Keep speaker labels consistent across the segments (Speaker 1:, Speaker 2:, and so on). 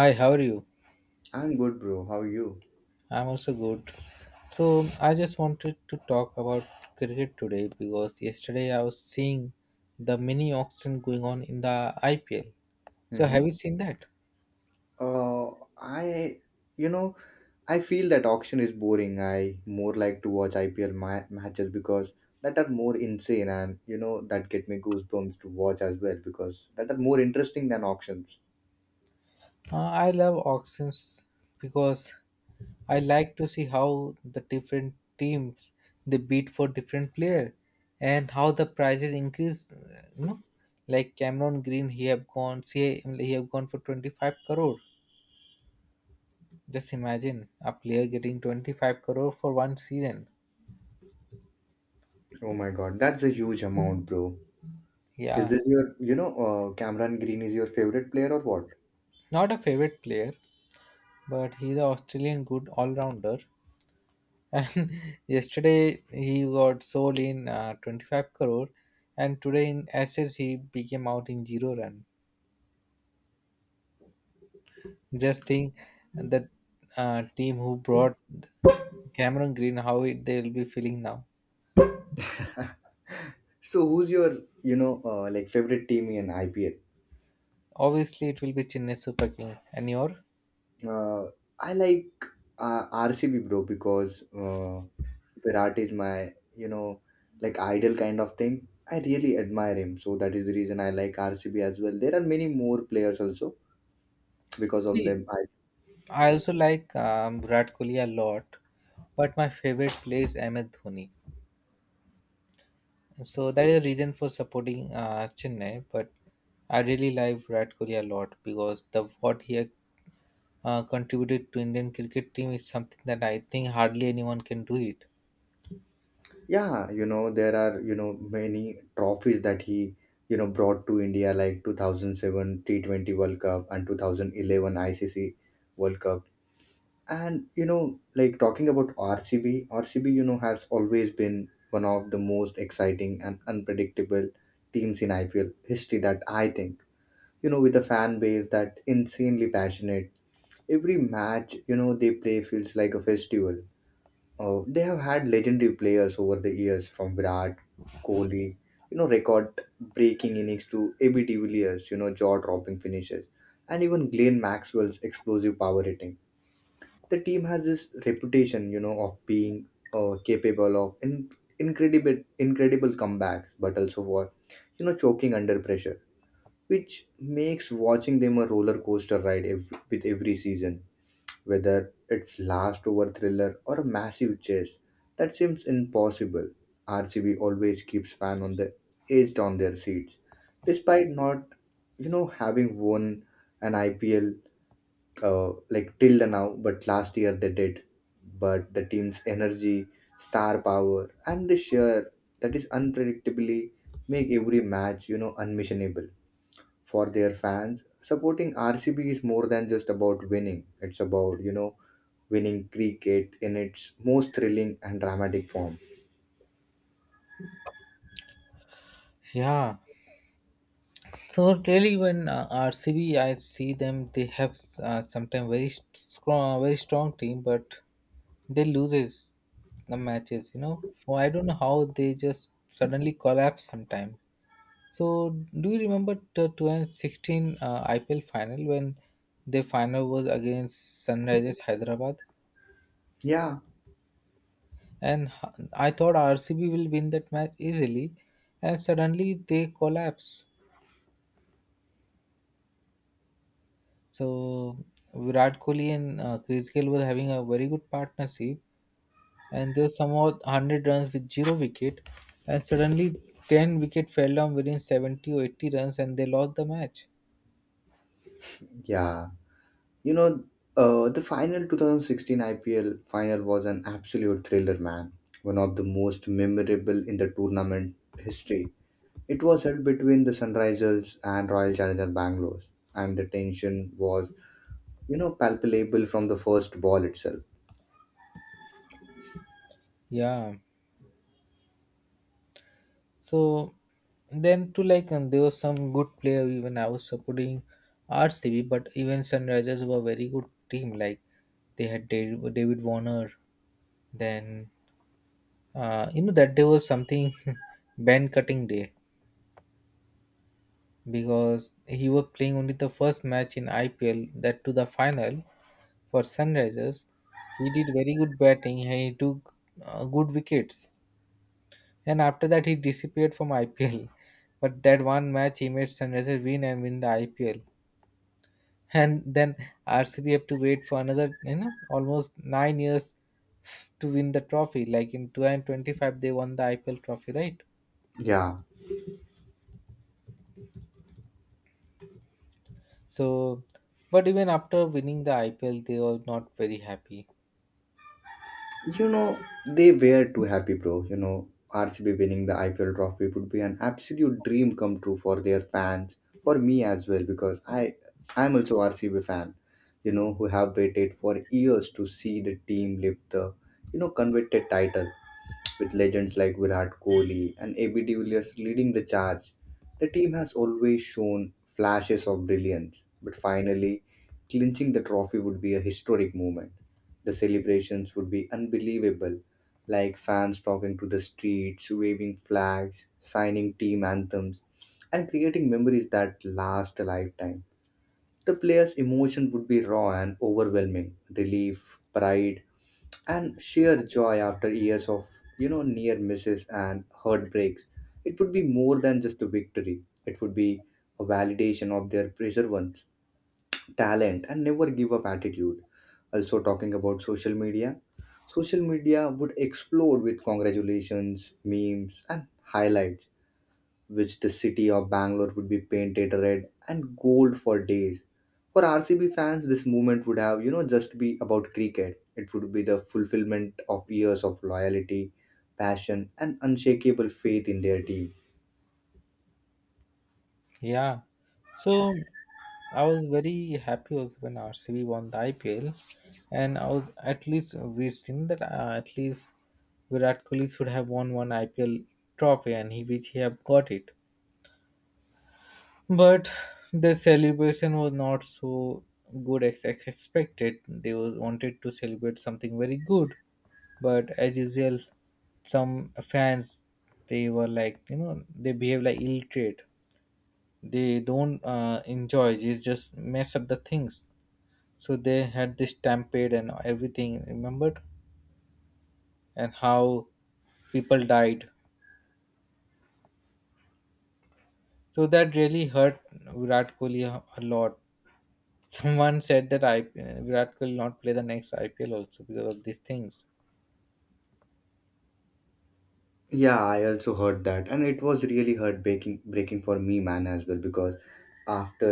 Speaker 1: Hi, how are you?
Speaker 2: I'm good, bro. How are you?
Speaker 1: I'm also good. So, I just wanted to talk about cricket today because yesterday I was seeing the mini auction going on in the IPL. So,
Speaker 2: Mm-hmm.
Speaker 1: have you seen that?
Speaker 2: Uh, I, you know, I feel that auction is boring. I more like to watch IPL matches because that are more insane and that get me goosebumps to watch as well because that are more interesting than auctions.
Speaker 1: Uh, I love auctions because I like to see how the different teams they bid for different player and how the prices increase. Like Cameron Green, he have gone for 25 crore. Just imagine a player getting 25 crore for one season.
Speaker 2: Oh my God, that's a huge amount, bro. Is
Speaker 1: Yeah,
Speaker 2: this your, you know, Cameron Green is your favorite player or
Speaker 1: not a favorite player, but he's an Australian good all rounder. And yesterday he got sold in 25 crore, and today in SS he became out in zero run. Just think that team who brought Cameron Green, they'll be feeling now.
Speaker 2: what? So who's your, like favorite team in IPL?
Speaker 1: Obviously, it will be Chennai Super King. And your?
Speaker 2: Uh, I like RCB, bro, because Virat is my, like idol kind of thing. I really admire him. So that is the reason I like RCB as well. There are many more players also because of
Speaker 1: See,
Speaker 2: them.
Speaker 1: I also like Virat Kohli a lot, but my favorite player is Ahmed Dhoni. So that is the reason for supporting Chennai. But I really like Virat Kohli a lot because the what he contributed to Indian cricket team is something that I think hardly anyone can do it.
Speaker 2: Yeah, there are many trophies that he brought to India like 2007 T20 World Cup and 2011 ICC World Cup. And like talking about RCB, has always been one of the most exciting and unpredictable teams in IPL history that I think, with a fan base that insanely passionate. Every match, they play feels like a festival. They have had legendary players over the years from Virat, Kohli, record breaking innings to AB de Villiers, jaw dropping finishes, and even Glenn Maxwell's explosive power hitting. The team has this reputation, of being capable of incredible comebacks, but also for, choking under pressure, which makes watching them a roller coaster ride with every season, whether it's last over thriller or a massive chase. That seems impossible. RCB always keeps fan on the edged on their seats, despite not, having won an IPL like till the now. But last year they did. But the team's energy, star power, and the share that is unpredictably make every match, unmissionable for their fans. Supporting RCB is more than just about winning. It's about, winning cricket in its most thrilling and dramatic form.
Speaker 1: Yeah. So really, when RCB, I see them. They have sometimes very strong team, but they loses the matches. Oh, I don't know how they just suddenly collapse sometime. So do you remember the 2016 IPL final, when the final was against Sunrisers Hyderabad,
Speaker 2: Yeah,
Speaker 1: and I thought RCB will win that match easily, and suddenly they collapse. So Virat Kohli and Chris Gayle were having a very good partnership, and they somehow 100 runs with zero wicket, and suddenly 10 wicket fell down within 70 or 80 runs, and they lost the match.
Speaker 2: yeah. You know, the final 2016 IPL final was an absolute thriller, man. One of the most memorable in the tournament history. It was held between the Sunrisers and Royal Challenger Bangalore, and the tension was, palpable from the first ball itself.
Speaker 1: Yeah. So then, to like, and there was some good player. Even I was supporting RCB, but even Sunrisers were very good team. Like they had David Warner. Then that day was something, band cutting day, because he was playing only the first match in IPL that to the final for Sunrisers. He did very good batting and he took good wickets. And after that, he disappeared from IPL. But that one match, he made Sunrisers win and win the IPL. And then RCB have to wait for another, almost 9 years to win the trophy. Like in 2025, they won the IPL trophy, right?
Speaker 2: Yeah,
Speaker 1: So, but even after winning the IPL, they were not very happy.
Speaker 2: You know, they were too happy, bro. RCB winning the IPL trophy would be an absolute dream come true for their fans, for me as well, because I'm also RCB fan, who have waited for years to see the team lift the, coveted title with legends like Virat Kohli and AB de Villiers leading the charge. The team has always shown flashes of brilliance, but finally, clinching the trophy would be a historic moment. The celebrations would be unbelievable, like fans talking to the streets, waving flags, signing team anthems, and creating memories that last a lifetime. The players' emotion would be raw and overwhelming relief, pride, and sheer joy after years of near misses and heartbreaks. It would be more than just a victory. It would be a validation of their perseverance, talent, and never give up attitude. Also, talking about social media, social media would explode with congratulations, memes, and highlights, which the city of Bangalore would be painted red and gold for days. For RCB fans, this movement would have, just be about cricket. It would be the fulfillment of years of loyalty, passion, and unshakable faith in their team.
Speaker 1: Yeah. So, I was very happy also when RCB won the IPL, and I was at least wishing that at least Virat Kohli should have won one IPL trophy, and he which he have got it. But the celebration was not so good as expected. They was wanted to celebrate something very good, but as usual, some fans, they were like, they behave like ill trade. They don't enjoy. They just mess up the things. So they had this stampede and everything, remembered? And how people died. So that really hurt Virat Kohli a lot. Someone said that Virat Kohli will not play the next IPL also because of these things.
Speaker 2: Yeah, I also heard that, and it was really heart breaking for me, man, as well. Because after,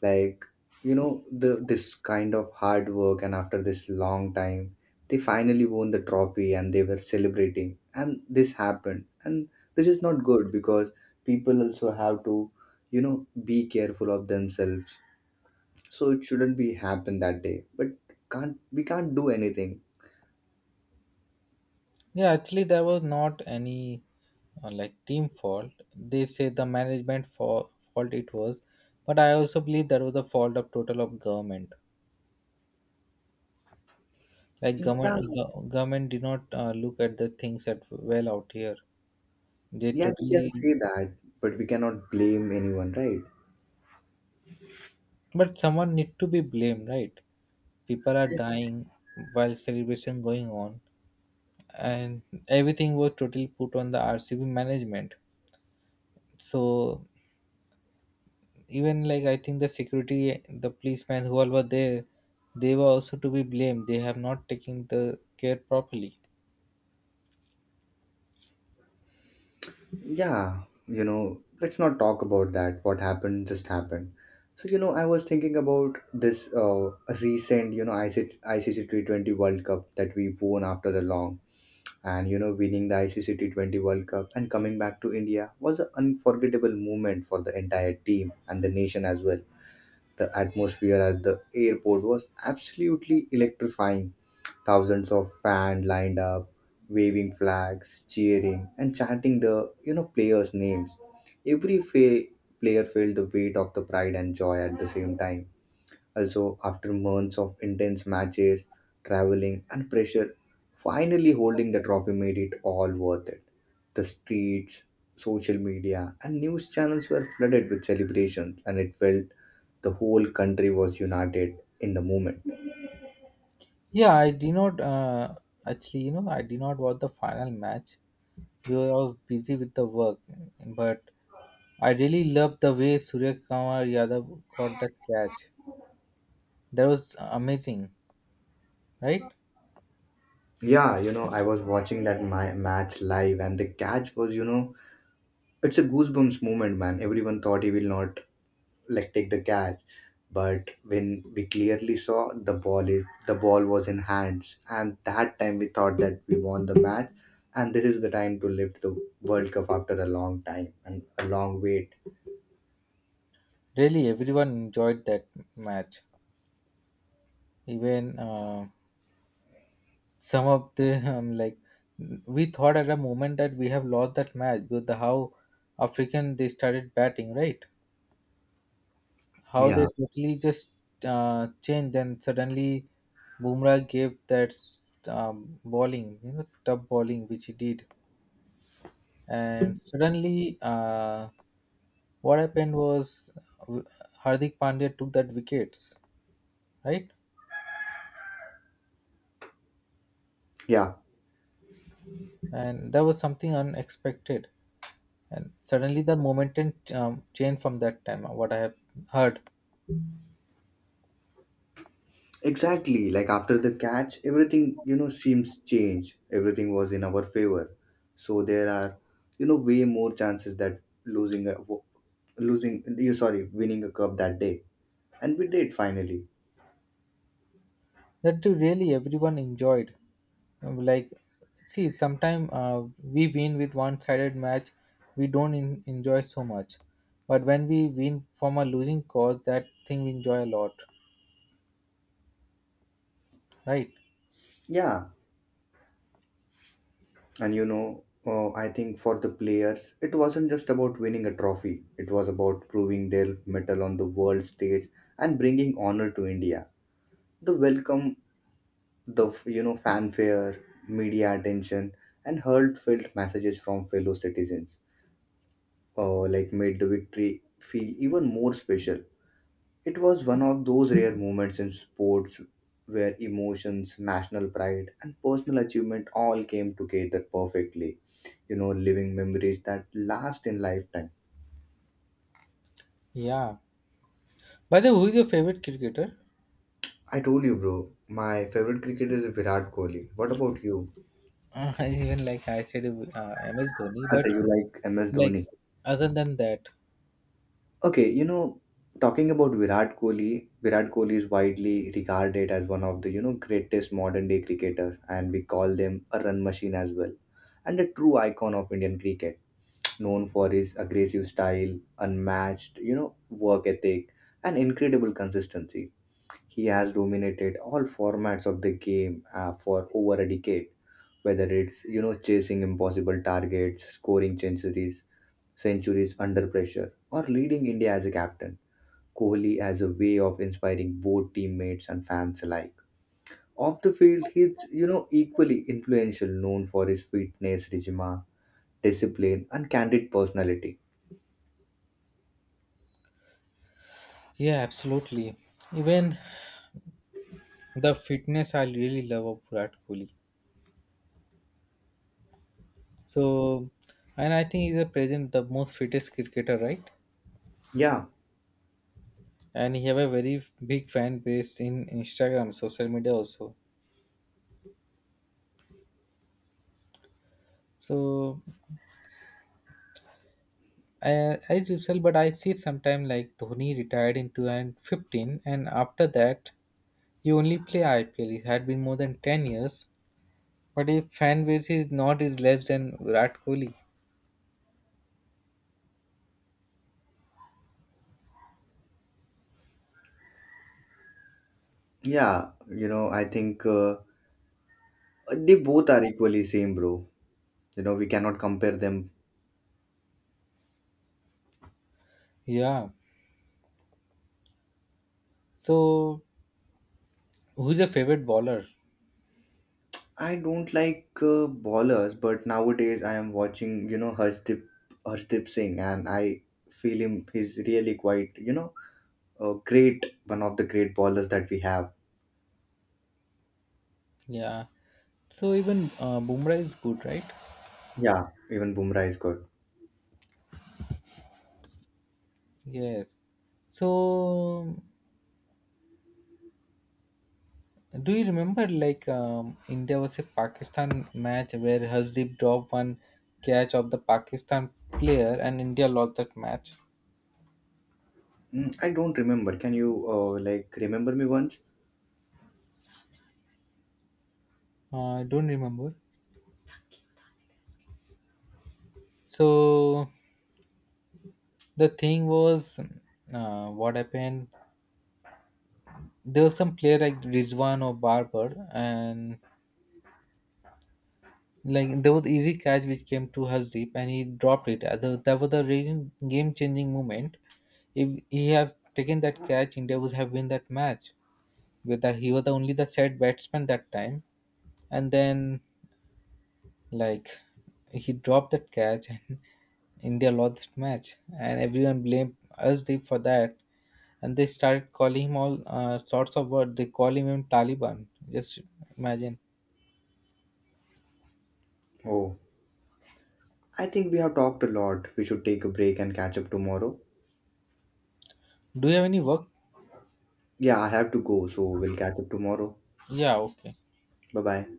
Speaker 2: like, the this kind of hard work, and after this long time, they finally won the trophy, and they were celebrating, and this happened, and this is not good because people also have to, be careful of themselves. So it shouldn't be happen that day, but can't we can't do anything?
Speaker 1: Yeah, actually, there was not any like team fault. They say the management fault it was, but I also believe that was the fault of total of government. Like
Speaker 2: Yeah,
Speaker 1: government did not look at the things at well out here. They
Speaker 2: yeah, we can
Speaker 1: totally.
Speaker 2: say that, but we cannot blame anyone, right?
Speaker 1: But someone need to be blamed, right? People are dying while celebration going on, and everything was totally put on the RCB management. So even like I think the security, the policemen, who were there, they were also to be blamed. They have not taken the care properly.
Speaker 2: Yeah, let's not talk about that. What happened just happened. So, I was thinking about this recent, ICC T20 World Cup that we won after a long. And, winning the ICC T20 World Cup and coming back to India was an unforgettable moment for the entire team and the nation as well. The atmosphere at the airport was absolutely electrifying. Thousands of fans lined up, waving flags, cheering, and chanting the players' names. Every player felt the weight of the pride and joy at the same time. Also, after months of intense matches, traveling, and pressure, finally holding the trophy made it all worth it. The streets, social media, and news channels were flooded with celebrations, and it felt the whole country was united in the moment.
Speaker 1: Yeah, I did not. Actually, I did not watch the final match. We were all busy with the work, but I really loved the way Surya Kumar Yadav got that catch. That was amazing, right?
Speaker 2: Yeah, I was watching that my match live, and the catch was, it's a goosebumps moment, man. Everyone thought he will not like take the catch, but when we clearly saw the ball was in hands, and that time we thought that we won the match, and this is the time to lift the World Cup after a long time and a long wait.
Speaker 1: Really, everyone enjoyed that match. Even some of the like we thought at a moment that we have lost that match with the how African they started batting, right? How they
Speaker 2: Yeah,
Speaker 1: totally just changed, and suddenly Bumrah gave that bowling, tough bowling which he did, and suddenly what happened was uh, Hardik Pandya took that wickets, right?
Speaker 2: yeah.
Speaker 1: And that was something unexpected, and suddenly the momentum changed from that time, what I have heard.
Speaker 2: Exactly. Like after the catch, everything, seems changed. Everything was in our favor. So there are, way more chances that losing a wo- losing you sorry, winning a cup that day. And we did finally.
Speaker 1: That really everyone enjoyed. Like, see sometimes we win with one-sided match, we don't enjoy so much. But when we win from a losing cause, that thing we enjoy a lot, right?
Speaker 2: Yeah. And I think for the players, it wasn't just about winning a trophy. It was about proving their metal on the world stage and bringing honor to India. The welcome, the fanfare, media attention, and heartfelt messages from fellow citizens like made the victory feel even more special. It was one of those rare moments in sports where emotions, national pride, and personal achievement all came together perfectly, living memories that last in lifetime.
Speaker 1: Yeah, by the way, who is your favorite cricketer?
Speaker 2: I told you, bro, my favorite cricketer is Virat Kohli. What about you?
Speaker 1: uh, Even like I said, MS Dhoni,
Speaker 2: I
Speaker 1: but
Speaker 2: think you like MS
Speaker 1: like,
Speaker 2: Dhoni.
Speaker 1: other than that.
Speaker 2: Okay, talking about Virat Kohli, Virat Kohli is widely regarded as one of the, greatest modern day cricketer, and we call them a run machine as well, and a true icon of Indian cricket, known for his aggressive style, unmatched, work ethic, and incredible consistency. He has dominated all formats of the game for over a decade, whether it's, chasing impossible targets, scoring centuries under pressure or leading India as a captain. Kohli has a way of inspiring both teammates and fans alike. Off the field, he's equally influential, known for his fitness, regime, discipline, and candid personality.
Speaker 1: Yeah, absolutely. Even the fitness I really love of Virat Kohli. So, and I think he's a present the most fittest cricketer, right?
Speaker 2: Yeah,
Speaker 1: And he have a very big fan base in Instagram, social media also. So, as usual, but I see sometime like Dhoni retired in 2015, and after that, he only play IPL. It had been more than 10 years, but his fan base is not is less than Virat Kohli.
Speaker 2: yeah, I think they both are equally same, bro. You know we cannot compare them.
Speaker 1: Yeah. So, who's your favorite bowler?
Speaker 2: I don't like ballers, but nowadays I am watching Harshdeep Singh, and I feel him. He's really quite a great one of the great ballers that we have.
Speaker 1: Yeah. So even Bumrah is good, right?
Speaker 2: Yeah, even Bumrah is good.
Speaker 1: Yes. So do you remember like India was a Pakistan match where Hasdeep dropped one catch of the Pakistan player and India lost that match?
Speaker 2: I don't remember. Can you like remember me once?
Speaker 1: I don't remember. So the thing was, what happened? There was some player like Rizwan or Barber, and like there was easy catch which came to Hasdeep, and he dropped it. That was the game changing moment. If he had taken that catch, India would have win that match. Whether he was the only the set batsman that time, and then like he dropped that catch, and India lost that match, and everyone blamed us deep for that. And they started calling him all sorts of words. They call him even Taliban. Just imagine.
Speaker 2: Oh, I think we have talked a lot. We should take a break and catch up tomorrow.
Speaker 1: Do you have any work?
Speaker 2: Yeah, I have to go, so we'll catch up tomorrow.
Speaker 1: Yeah. Okay.
Speaker 2: Bye bye.